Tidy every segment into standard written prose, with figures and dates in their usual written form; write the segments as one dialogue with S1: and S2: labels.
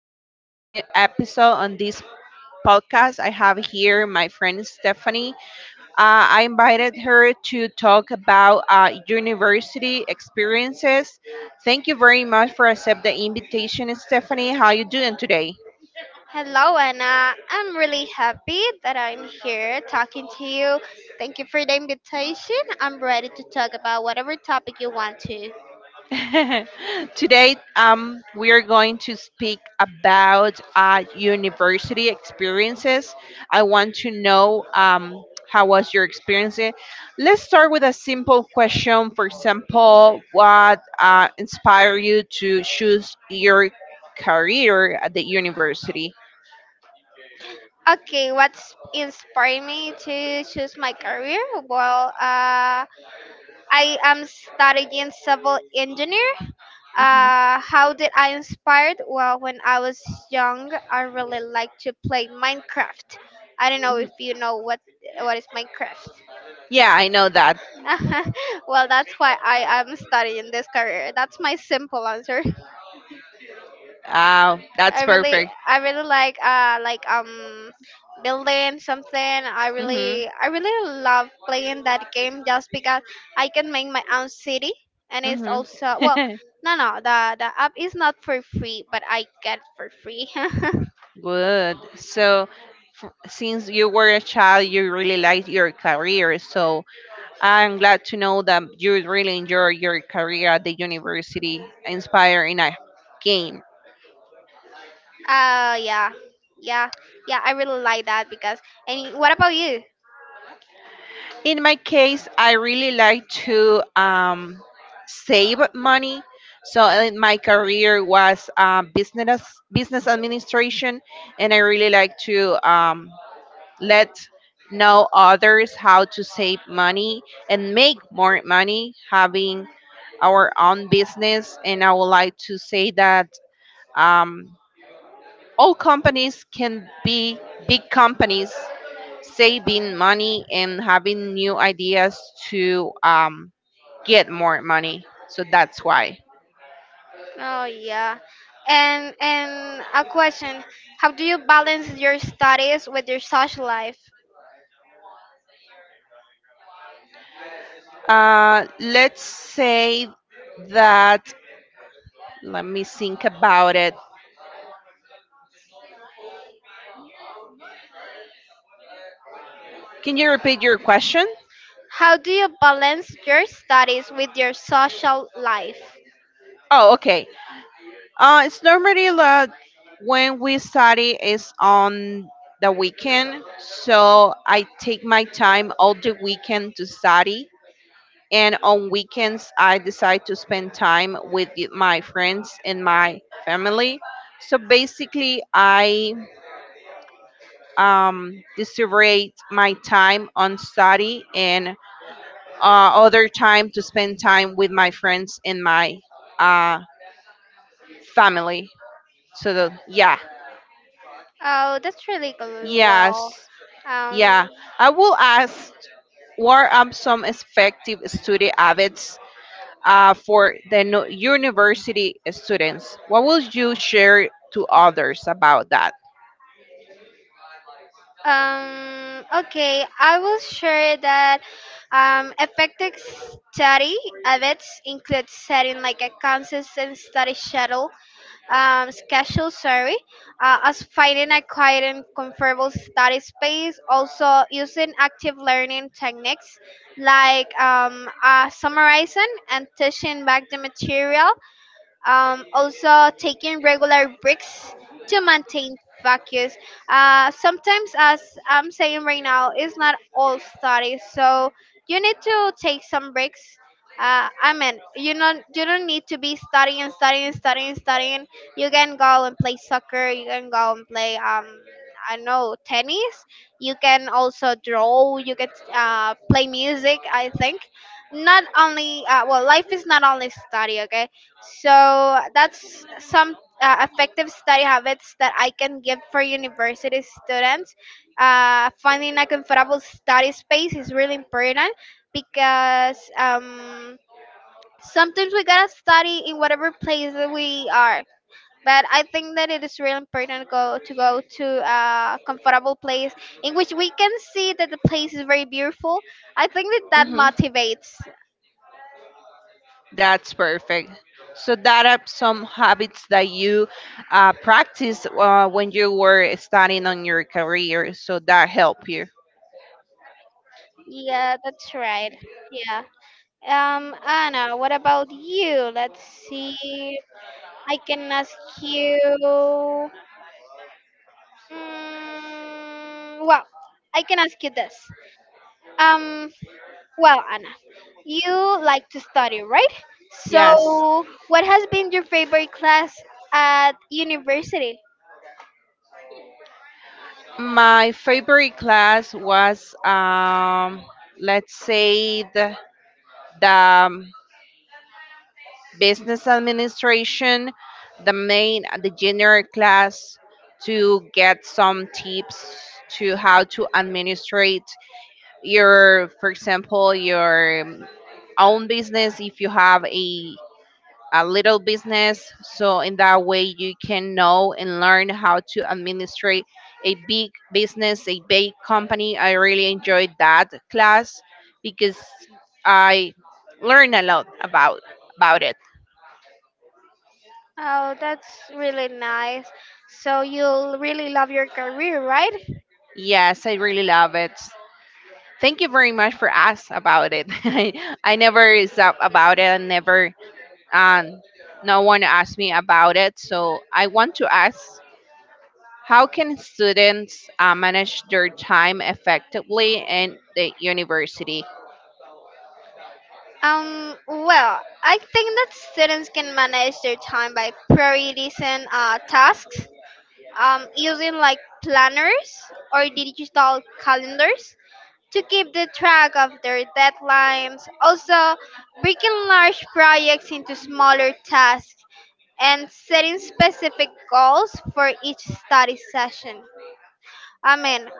S1: this new episode on this podcast. I have here my friend Stephanie. I invited her to talk about university experiences. Thank you very much for accept the invitation, Stephanie. How you doing today?
S2: Hello, Anna. I'm really happy that I'm here talking to you. Thank you for the invitation. I'm ready to talk about whatever topic you want to.
S1: Today, we are going to speak about university experiences. I want to know how was your experience. Let's start with a simple question. For example, what inspired you to choose your career at the university?
S2: Okay, what's inspired me to choose my career? Well, I am studying civil engineer.
S1: Mhm,
S2: How did I inspired? Well, when I was young, I really liked to play Minecraft. I don't know
S1: mhm.
S2: if you know what is Minecraft.
S1: Yeah, I know that.
S2: Well, that's why I am studying this career. That's my simple answer.
S1: That's perfect.
S2: I really like, building something.
S1: Hmm
S2: I really love playing that game just because I can make my own city, and it's
S1: hmm
S2: also well, no, no, the app is not for free, but I get for free.
S1: Good. So, since you were a child, you really liked your career. So I'm glad to know that you really enjoy your career at the university, inspiring a game.
S2: Yeah, yeah, yeah, I really like that because. And what about you?
S1: In my case, I really like to save money. So my career was business administration, and I really like to let know others how to save money and make more money having our own business. And I would like to say that um, all companies can be big companies saving money and having new ideas to get more money. So that's why.
S2: Oh, yeah. And a question, how do you balance your studies with your social life?
S1: Let's say that, let me think about it. Can you repeat your question?
S2: How do you balance your studies with your social life?
S1: Oh, okay. It's normally that when we study is on the weekend, so I take my time all the weekend to study. And on weekends, I decide to spend time with my friends and my family. So basically, I distribute my time on study and other time to spend time with my friends and my uh, family. So yeah.
S2: Oh, that's really good.
S1: Yes.
S2: Well, um,
S1: Yeah, I will ask what are some effective study habits for the university students? What will you share to others about that?
S2: okay, I will share that effective study habits include setting like a consistent study schedule, sorry, as finding a quiet and comfortable study space, also using active learning techniques like summarizing and teaching back the material, also taking regular breaks to maintain focus. Uh, sometimes as I'm saying right now, it's not all studies, so you need to take some breaks. Uh, I mean, you don't need to be studying, studying, studying, studying. You can go and play soccer, you can go and play I don't know, tennis. You can also draw, you can play music, I think. Not only well, life is not only study, okay? So that's some effective study habits that I can give for university students. Finding a comfortable study space is really important because sometimes we gotta study in whatever place that we are. But I think that it is really important to go to a comfortable place in which we can see that the place is very beautiful. I think that that
S1: Hmm
S2: motivates.
S1: That's perfect. So that are some habits that you practice when you were studying on your career. So that help you.
S2: Yeah, that's right. Yeah. Anna, what about you? Let's see. I can ask you. Well, I can ask you this. Um, well, Anna, you like to study, right?
S1: Yes,
S2: So, what has been your favorite class at university?
S1: my favorite class was let's say the business administration, the main, the general class to get some tips to how to administrate your, for example, your own business if you have a little business so in that way you can know and learn how to administrate a big business, a big company. I really enjoyed that class because I learned a lot about it.
S2: Oh, that's really nice. So, you really love your career, right?
S1: Yes, I really love it. Thank you very much for ask about it. I never stop about it and never um no one asked me about it. So I want to ask how can students manage their time effectively in the university?
S2: Well, I think that students can manage their time by prioritizing tasks, using like planners or digital calendars to keep the track of their deadlines. Also, breaking large projects into smaller tasks and setting specific goals for each study session. I mean,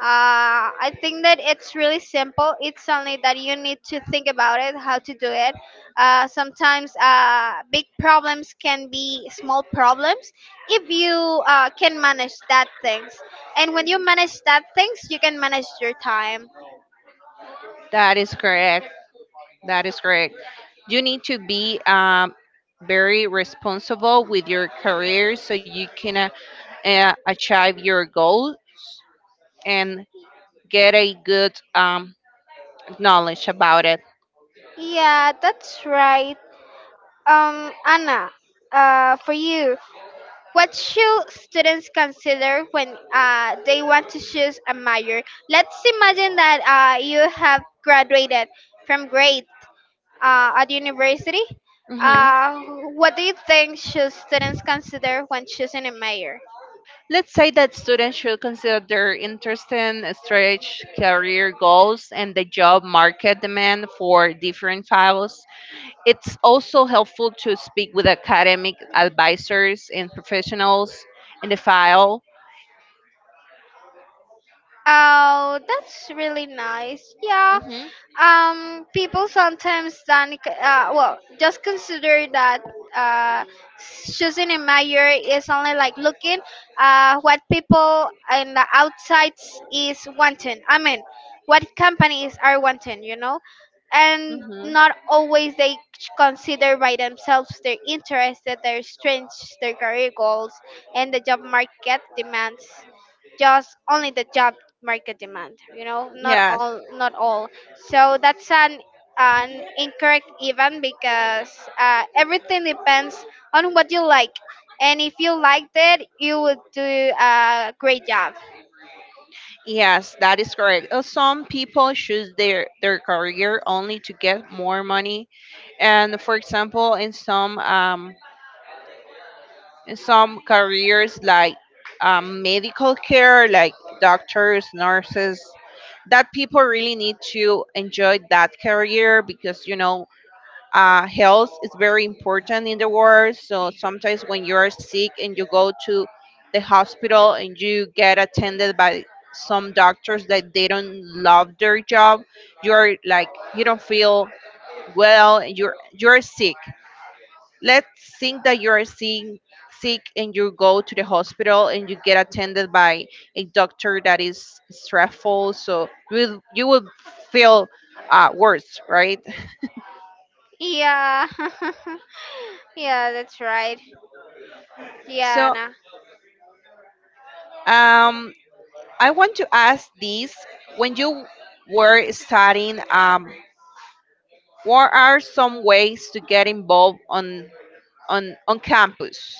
S2: I think that it's really simple. It's only that you need to think about it, how to do it. Sometimes big problems can be small problems if you can manage that things. And when you manage that things, you can manage your time.
S1: That is correct. That is correct. You need to be very responsible with your career so you can achieve your goals and get a good knowledge about it.
S2: Yeah, that's right. Anna, for you, what should students consider when they want to choose a major? Let's imagine that you have graduated from grade at university.
S1: Mhm.
S2: Uh, what do you think should students consider when choosing a major?
S1: Let's say that students should consider their interest in stretch career goals and the job market demand for different files. It's also helpful to speak with academic advisors and professionals in the file.
S2: Oh, that's really nice. Yeah,
S1: Mm-hmm,
S2: people sometimes then well, just consider that uh, choosing a major is only like looking what people in the outside is wanting. I mean, what companies are wanting, you know, and
S1: mm-hmm.
S2: not always they consider by themselves their interests, their strengths, their career goals, and the job market demands. Just only the job market demand, you know, not
S1: Yes,
S2: all not all So that's an incorrect even, because everything depends on what you like, and if you liked it, you would do a great job.
S1: yes, that is correct. Some people choose their career only to get more money. And for example, in some some careers like medical care, like doctors, nurses, that people really need to enjoy that career because, you know, health is very important in the world. So sometimes when you are sick and you go to the hospital and you get attended by some doctors that they don't love their job, you're like, you don't feel well, and you're sick. Let's think that you are seeing sick and you go to the hospital and you get attended by a doctor that is stressful, so you will feel worse, right?
S2: Yeah, yeah, that's right. Yeah,
S1: So
S2: no.
S1: um, I want to ask this, when you were studying what are some ways to get involved on on campus?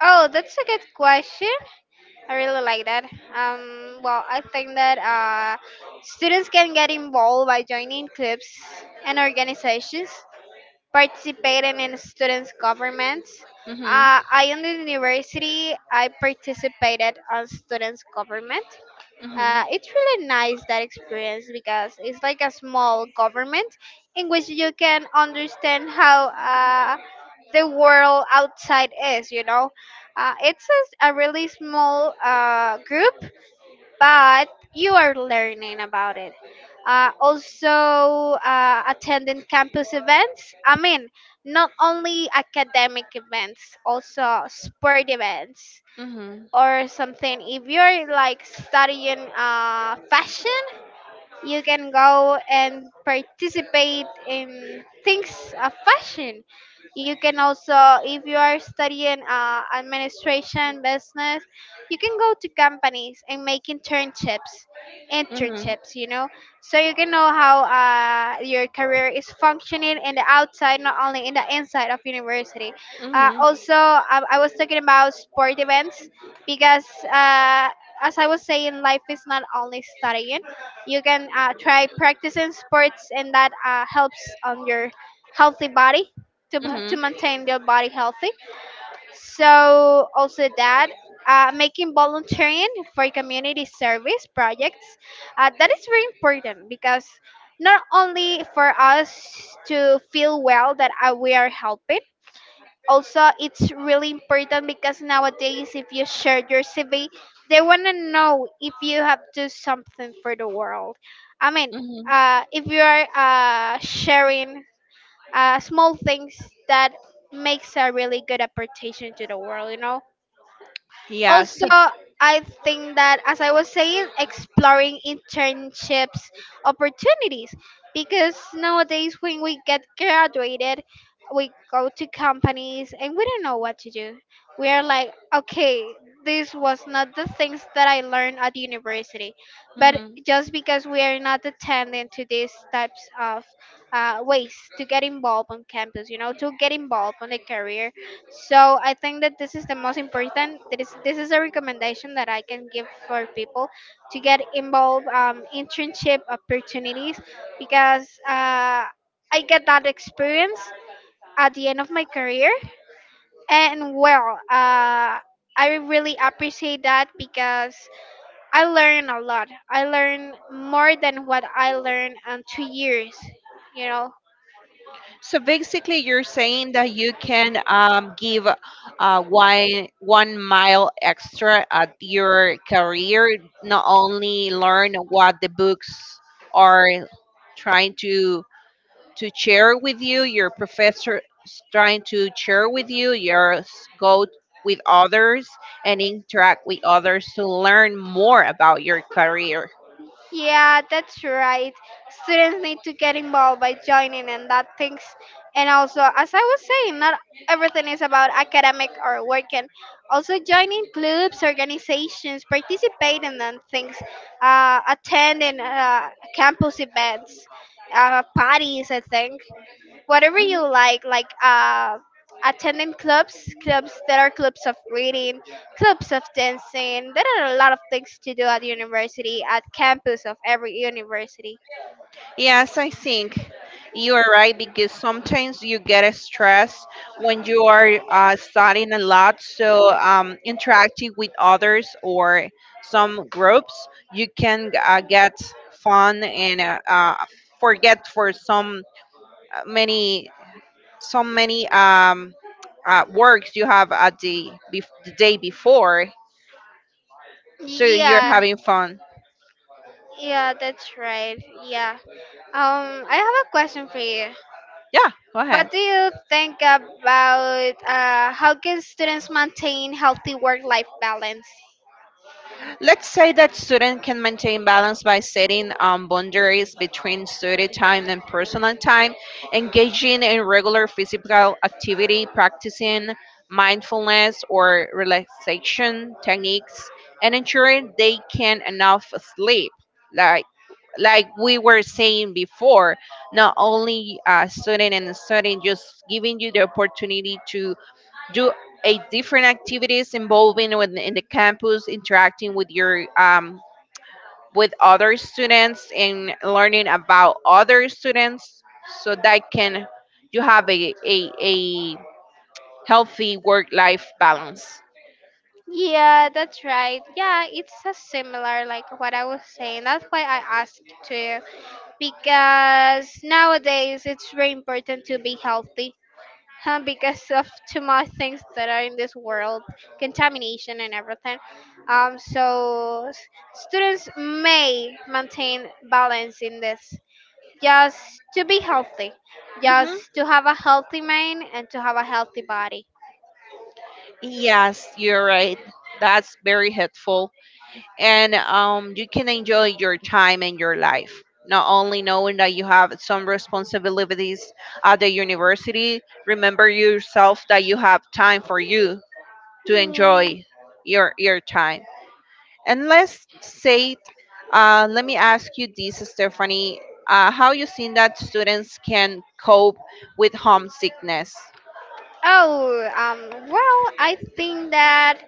S2: Oh, that's a good question. I really like that. Well, I think that students can get involved by joining clubs and organizations, participating in students' governments.
S1: Mhm,
S2: I on the university, I participated on students' government.
S1: mhm,
S2: It's really nice that experience because it's like a small government in which you can understand how the world outside is. You know, it's a really small group, but you are learning about it. Also, attending campus events. I mean, not only academic events, also sport events
S1: mhm,
S2: or something. If you're like studying fashion, you can go and participate in things of fashion. You can also, if you are studying administration business, you can go to companies and make internships
S1: mhm,
S2: internships you know. So you can know how your career is functioning in the outside, not only in the inside of university. Uh,
S1: mhm,
S2: also, I was talking about sport events because as I was saying, life is not only studying. You can try practicing sports, and that helps on your healthy body, to, to
S1: mhm,
S2: maintain your body healthy. So also that, making volunteering for community service projects, that is very important because not only for us to feel well that we are helping, also it's really important because nowadays if you share your CV, they want to know if you have do something for the world. I mean,
S1: mhm.
S2: if you are sharing small things that makes a really good apportation to the world, you know.
S1: Yes.
S2: Also, I think that as I was saying, exploring internships opportunities, because nowadays when we get graduated, we go to companies and we don't know what to do. We are like, okay, this was not the things that I learned at university, but
S1: Mhm.
S2: just because we are not attending to these types of ways to get involved on campus, you know, to get involved on the career. So I think that this is the most important. That is, this is a recommendation that I can give for people to get involved internship opportunities, because I get that experience at the end of my career, and well, I really appreciate that because I learn a lot. I learn more than what I learned on 2 years. You know,
S1: So basically, you're saying that you can give uh, one mile extra at your career, not only learn what the books are trying to share with you, your professor is trying to share with you, your go with others and interact with others to learn more about your career.
S2: yeah, that's right. Students need to get involved by joining and that things. And also, as I was saying, not everything is about academic or working. Also, joining clubs, organizations, participating in things, attending campus events, parties, I think whatever you
S1: Mm-hmm.
S2: like attending clubs, there are clubs of reading, clubs of dancing. There are a lot of things to do at university, at campus of every university.
S1: Yes, I think you are right because sometimes you get a stress when you are studying a lot. So interacting with others or some groups, you can get fun and forget for some many so many works you have at the day before. So you're
S2: Yeah,
S1: having fun.
S2: yeah, that's right. Yeah. I have a question for you.
S1: Yeah, go
S2: What
S1: ahead.
S2: do you think about how can students maintain healthy work-life balance?
S1: Let's say that students can maintain balance by setting boundaries between study time and personal time, engaging in regular physical activity, practicing mindfulness or relaxation techniques, and ensuring they can enough sleep. Like we were saying before, not only studying and studying, just giving you the opportunity to do eight different activities involving in the campus, interacting with your with other students and learning about other students, so that can you have a healthy work life balance.
S2: Yeah, that's right. Yeah, it's a similar like what I was saying. That's why I asked to you. Because nowadays it's very important to be healthy, huh, because of too much things that are in this world, contamination and everything. So students may maintain balance in this just to be healthy, just
S1: Hmm
S2: to have a healthy mind and to have a healthy body.
S1: Yes, you're right. That's very helpful. And you can enjoy your time and your life. Not only knowing that you have some responsibilities at the university, remember yourself that you have time for you to
S2: Yeah.
S1: enjoy your time. And let's say, let me ask you this, Stephanie, how you seen that students can cope with homesickness?
S2: Oh, well, I think that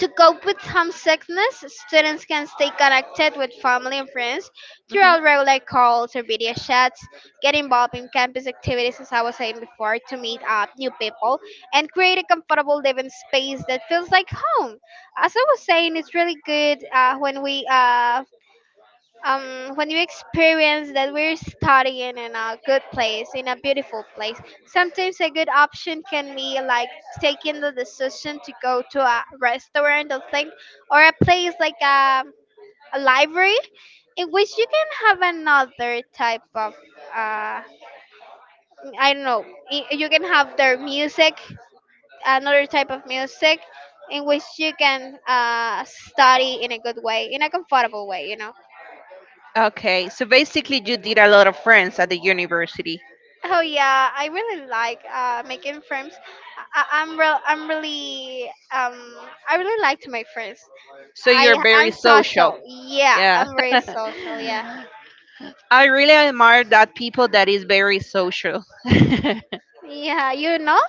S2: to cope with homesickness, students can stay connected with family and friends
S1: Hmm
S2: throughout regular calls or video chats, get involved in campus activities, as I was saying before, to meet up new people, and create a comfortable living space that feels like home. As I was saying, it's really good when we when you experience that we're studying in a good place, in a beautiful place, sometimes a good option can be like taking the decision to go to a restaurant or thing, or a place like a library in which you can have another type of uh, I don't know. You can have their music, another type of music, in which you can study in a good way, in a comfortable way, you know.
S1: Okay, so basically, you did a lot of friends at the university,
S2: Oh yeah, I really like making friends. I'm real. I'm really. Um, I really like to make friends.
S1: so you're very
S2: I'm
S1: social.
S2: social. Yeah,
S1: Yeah.
S2: I'm very social. Yeah,
S1: I really admire that people that is very social.
S2: yeah. You know,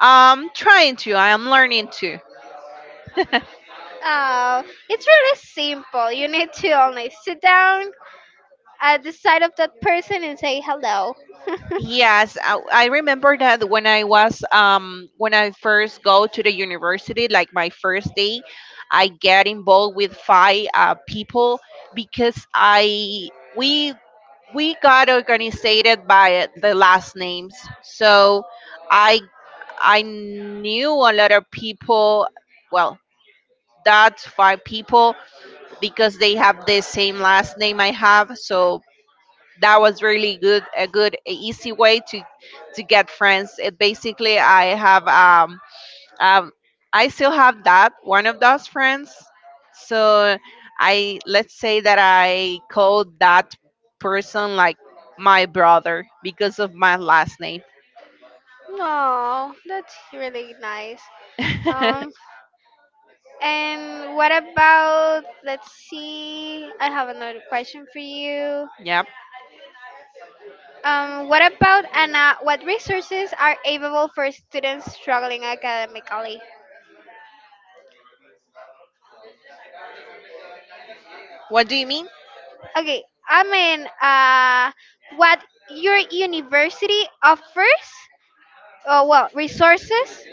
S1: I'm trying to. I am learning to.
S2: uh, it's really simple. You need to only sit down at the side of that person and say hello.
S1: Yes, I remember that when I was when I first go to the university, like my first day, I get involved with five people because I we we got organized by the last names, so I I knew a lot of people, well, that's five people because they have the same last name I have. So that was really good, a good, a easy way to get friends. It basically, I have um I still have that one of those friends. So I let's say that I call that person like my brother because of my last name.
S2: Oh, that's really nice. Um, and what about? Let's see. I have another question for you.
S1: Yeah.
S2: What about, Anna, what resources are available for students struggling academically?
S1: What do you mean?
S2: Okay, I mean, what your university offers? Well, resources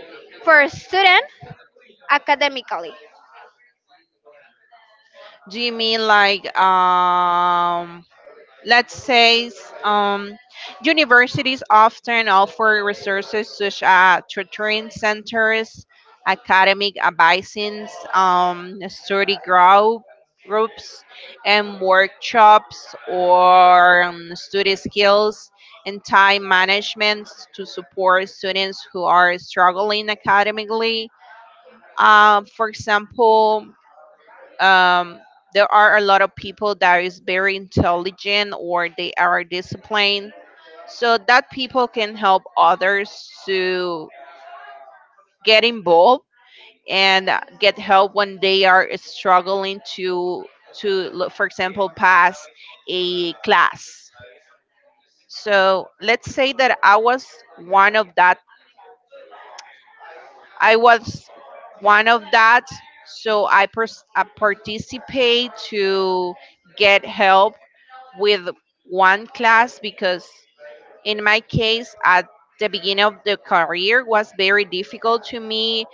S2: for a student academically.
S1: Do you mean like let's say universities often offer resources such as tutoring centers, academic advisings, study group groups and workshops or study skills and time management to support students who are struggling academically. For example, um, there are a lot of people that is very intelligent or they are disciplined so that people can help others to get involved and get help when they are struggling to for example pass a class. So let's say that one of that I was one of that. So I participate to get help with one class because in my case at the beginning of the career was very difficult to me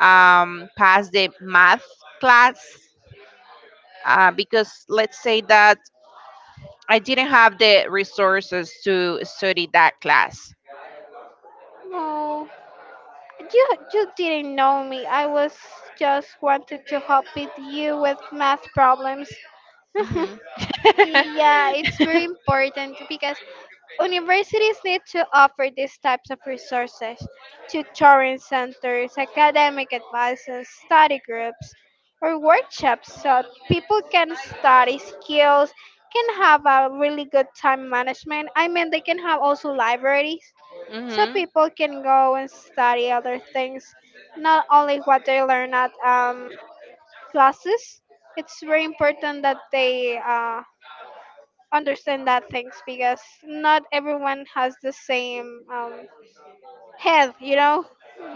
S1: pass the math class because let's say that I didn't have the resources to study that class.
S2: No, you didn't know me. I was just wanted to help with you with math problems.
S1: Hmm
S2: Yeah, it's very important because universities need to offer these types of resources, tutoring centers, academic advisors, study groups, or workshops so people can study skills, can have a really good time management. I mean, they can have also libraries so
S1: hmm
S2: people can go and study other things, not only what they learn at classes. It's very important that they understand that things because not everyone has the same head.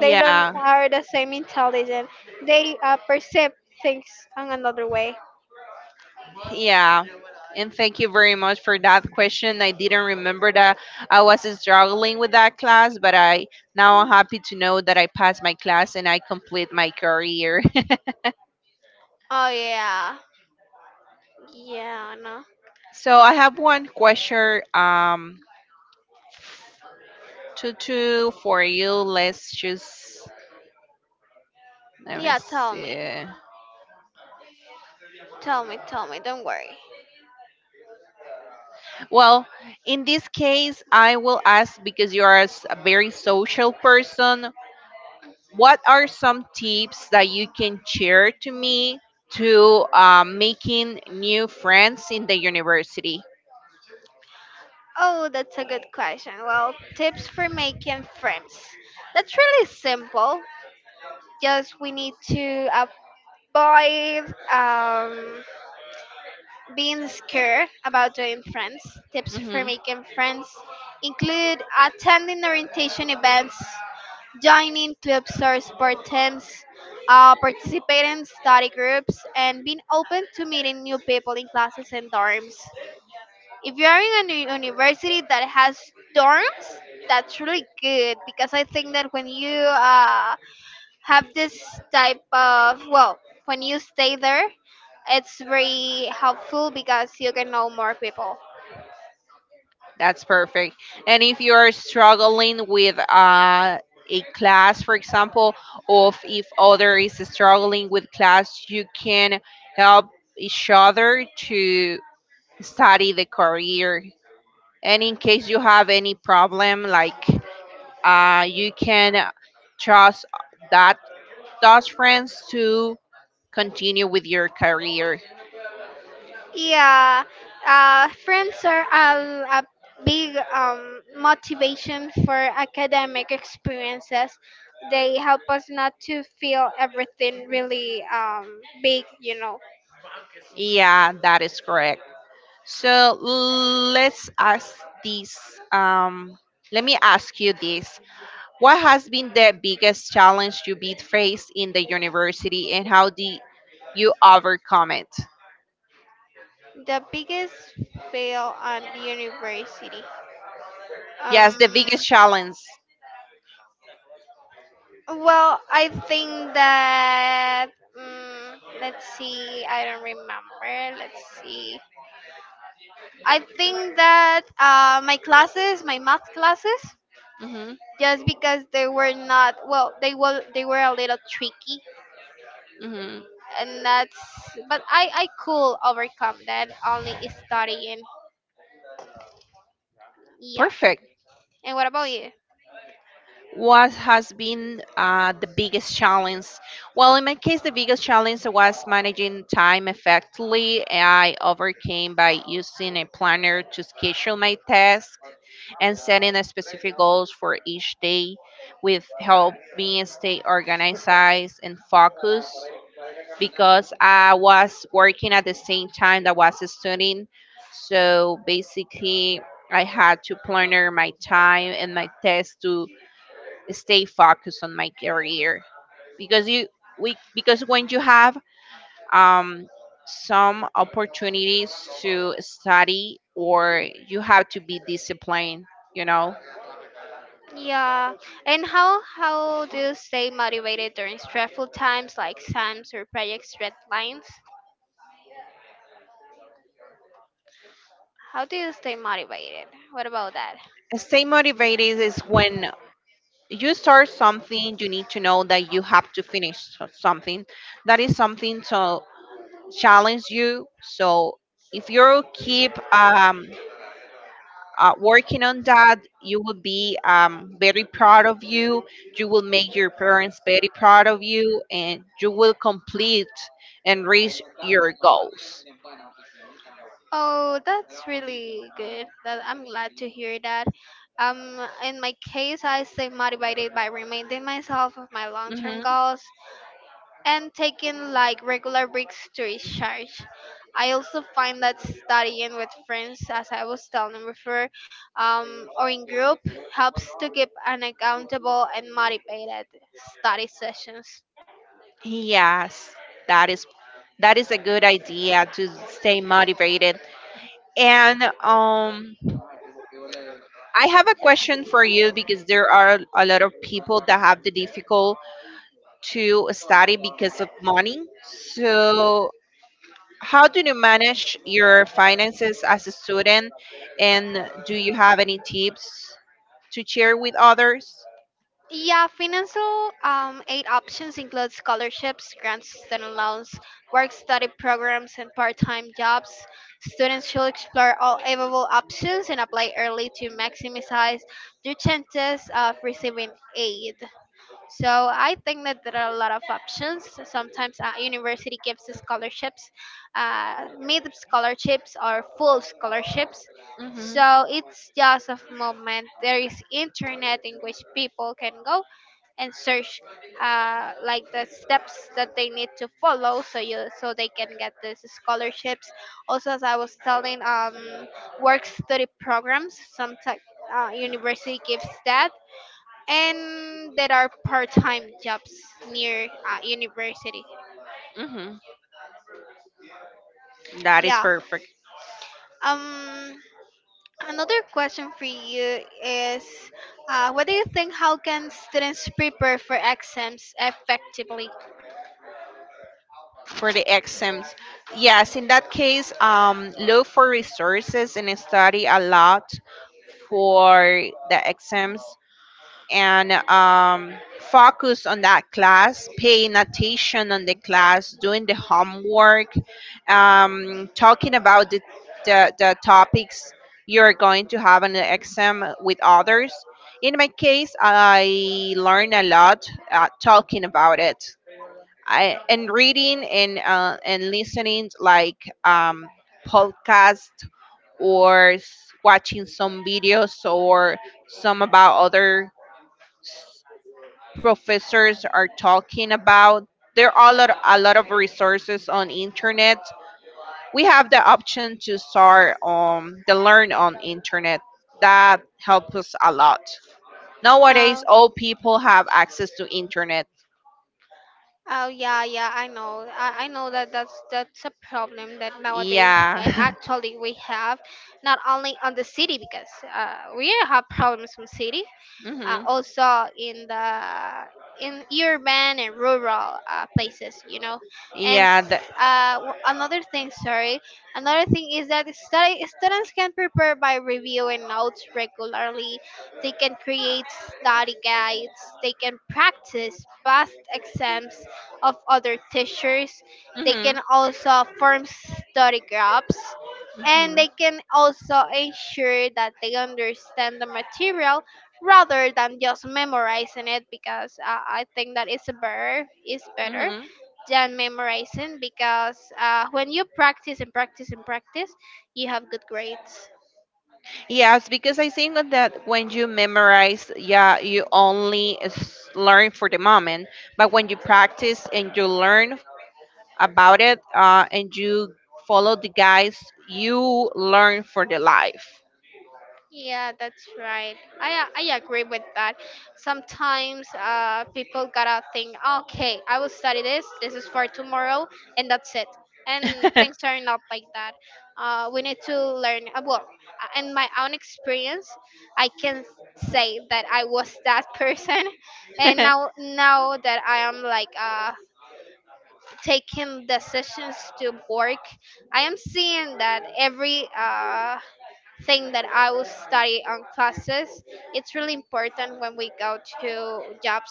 S2: They don't are the same intelligent, they perceive things on another way.
S1: Yeah. And thank you very much for that question. I didn't remember that I was struggling with that class, but I now I'm happy to know that I passed my class and I complete my career.
S2: Oh yeah. Yeah, no.
S1: So I have one question to two for you. Let's choose, let me
S2: Yeah, tell me.
S1: see.
S2: Tell me, don't worry.
S1: Well, in this case, I will ask because you are a very social person. What are some tips that you can share to me to making new friends in the university?
S2: Oh, that's a good question. Well, tips for making friends. That's really simple. Just we need to avoid being scared about doing friends. Tips for
S1: Hmm
S2: making friends include attending orientation events, joining clubs or sport teams, participating in study groups, and being open to meeting new people in classes and dorms. If you are in a new university that has dorms, that's really good because I think that when you have this type of, well, when you stay there, it's very helpful because you can know more people.
S1: That's perfect. And if you are struggling with a class, for example, or if other is struggling with class, you can help each other to study the career. And in case you have any problem, like you can trust that those friends to continue with your career.
S2: Yeah, friends are a big motivation for academic experiences. They help us not to feel everything really big, you know.
S1: Yeah, that is correct. So let's ask this. Um, let me ask you this. What has been the biggest challenge you beat faced in the university and how did you overcome it?
S2: The biggest fail on the university.
S1: Yes, the
S2: Um,
S1: biggest challenge.
S2: well, I think that. Let's see. I don't remember. Let's see. I think that my classes, my math classes,
S1: Mm-hmm,
S2: just because they were not well, they were a little tricky,
S1: mm-hmm.
S2: and that's, but I could overcome that only studying. Yeah.
S1: Perfect.
S2: And what about you?
S1: What has been the biggest challenge? Well, in my case, the biggest challenge was managing time effectively. I overcame by using a planner to schedule my tasks and setting a specific goals for each day, with help me stay organized and focused because I was working at the same time that was studying. So basically, I had to planner my time and my tasks to stay focused on my career because you we because when you have um some opportunities to study or you have to be disciplined, you know.
S2: Yeah. And how do you stay motivated during stressful times like exams or project deadlines? How do you stay motivated? What about that?
S1: Stay motivated is when you start something you need to know that you have to finish something, that is something to challenge you. So if you keep working on that, you will be very proud of you. You will make your parents very proud of you, and you will complete and reach your goals.
S2: Oh, that's really good. That I'm glad to hear that. Um, in my case, I stay motivated by reminding myself of my long-term
S1: Hmm
S2: goals and taking like regular breaks to recharge. I also find that studying with friends, as I was telling before, or in group helps to keep an accountable and motivated study sessions.
S1: Yes, that is a good idea to stay motivated. And I have a question for you because there are a lot of people that have the difficult to study because of money. So how do you manage your finances as a student? And do you have any tips to share with others?
S2: Yeah, financial aid options include scholarships, grants, student loans, work study programs, and part time jobs. Students should explore all available options and apply early to maximize their chances of receiving aid. So I think that there are a lot of options. Sometimes university gives us scholarships, mid scholarships or full scholarships.
S1: Mm-hmm.
S2: So it's just a moment. There is internet in which people can go and search like the steps that they need to follow so you so they can get these scholarships, also as I was telling, work study programs. Sometimes type university gives that, and there are part-time jobs near university.
S1: Mm-hmm. That is
S2: Yeah.
S1: perfect.
S2: um another question for you is, what do you think, how can students prepare for exams effectively?
S1: For the exams, yes, in that case, look for resources and study a lot for the exams. And focus on that class, paying attention on the class, doing the homework, talking about the topics you're going to have on the exam with others. In my case, I learned a lot talking about it. I And reading and listening like podcast or watching some videos or some about other professors are talking about. There are a lot of resources on internet. We have the option to start the learn on internet. That helps us a lot. Nowadays,
S2: uh,
S1: all people have access to internet.
S2: oh yeah, yeah, I know, I know that that's a problem that nowadays,
S1: Yeah.
S2: and actually we have not only on the city because we have problems from city,
S1: hmm
S2: also in the in urban and rural places, you know. And
S1: Yeah.
S2: another thing, sorry, another thing is that study, students can prepare by reviewing notes regularly, they can create study guides, they can practice past exams of other teachers, they
S1: Hmm
S2: can also form study groups, and
S1: hmm
S2: they can also ensure that they understand the material rather than just memorizing it, because I think that it's better, is better
S1: hmm
S2: than memorizing, because when you practice and practice and practice, you have good grades.
S1: Yes, because I think that when you memorize, yeah, you only learn for the moment, but when you practice and you learn about it and you follow the guys, you learn for the life.
S2: Yeah, that's right. I agree with that. Sometimes people gotta think, okay, I will study this. This is for tomorrow, and that's it. And things are not like that. We need to learn. Well, in my own experience, I can say that I was that person, and now that I am like taking decisions to work, I am seeing that every thing that I will study on classes. It's really important when we go to jobs.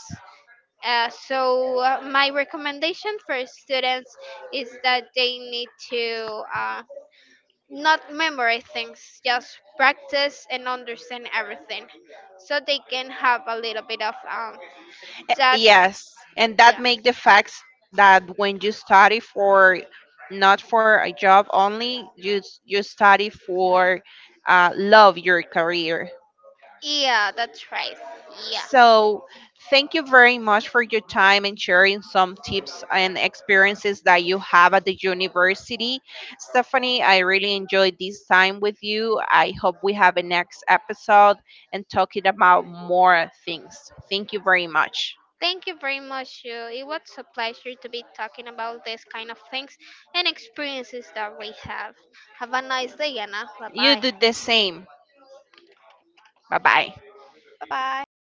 S2: So my recommendation for students is that they need to not memorize things, just practice and understand everything, so they can have a little bit of that.
S1: Yes, and that
S2: Yeah,
S1: make the facts that when you study for not for a job only, you you study for love your career.
S2: yeah, that's right. Yeah.
S1: So, thank you very much for your time and sharing some tips and experiences that you have at the university. Stephanie, I really enjoyed this time with you. I hope we have a next episode and talking about more things. Thank you very much.
S2: Thank you very much, Shu. It was a pleasure to be talking about this kind of things and experiences that we have. Have a nice day, Anna. Bye
S1: You
S2: bye.
S1: do the same. Bye bye.
S2: Bye bye.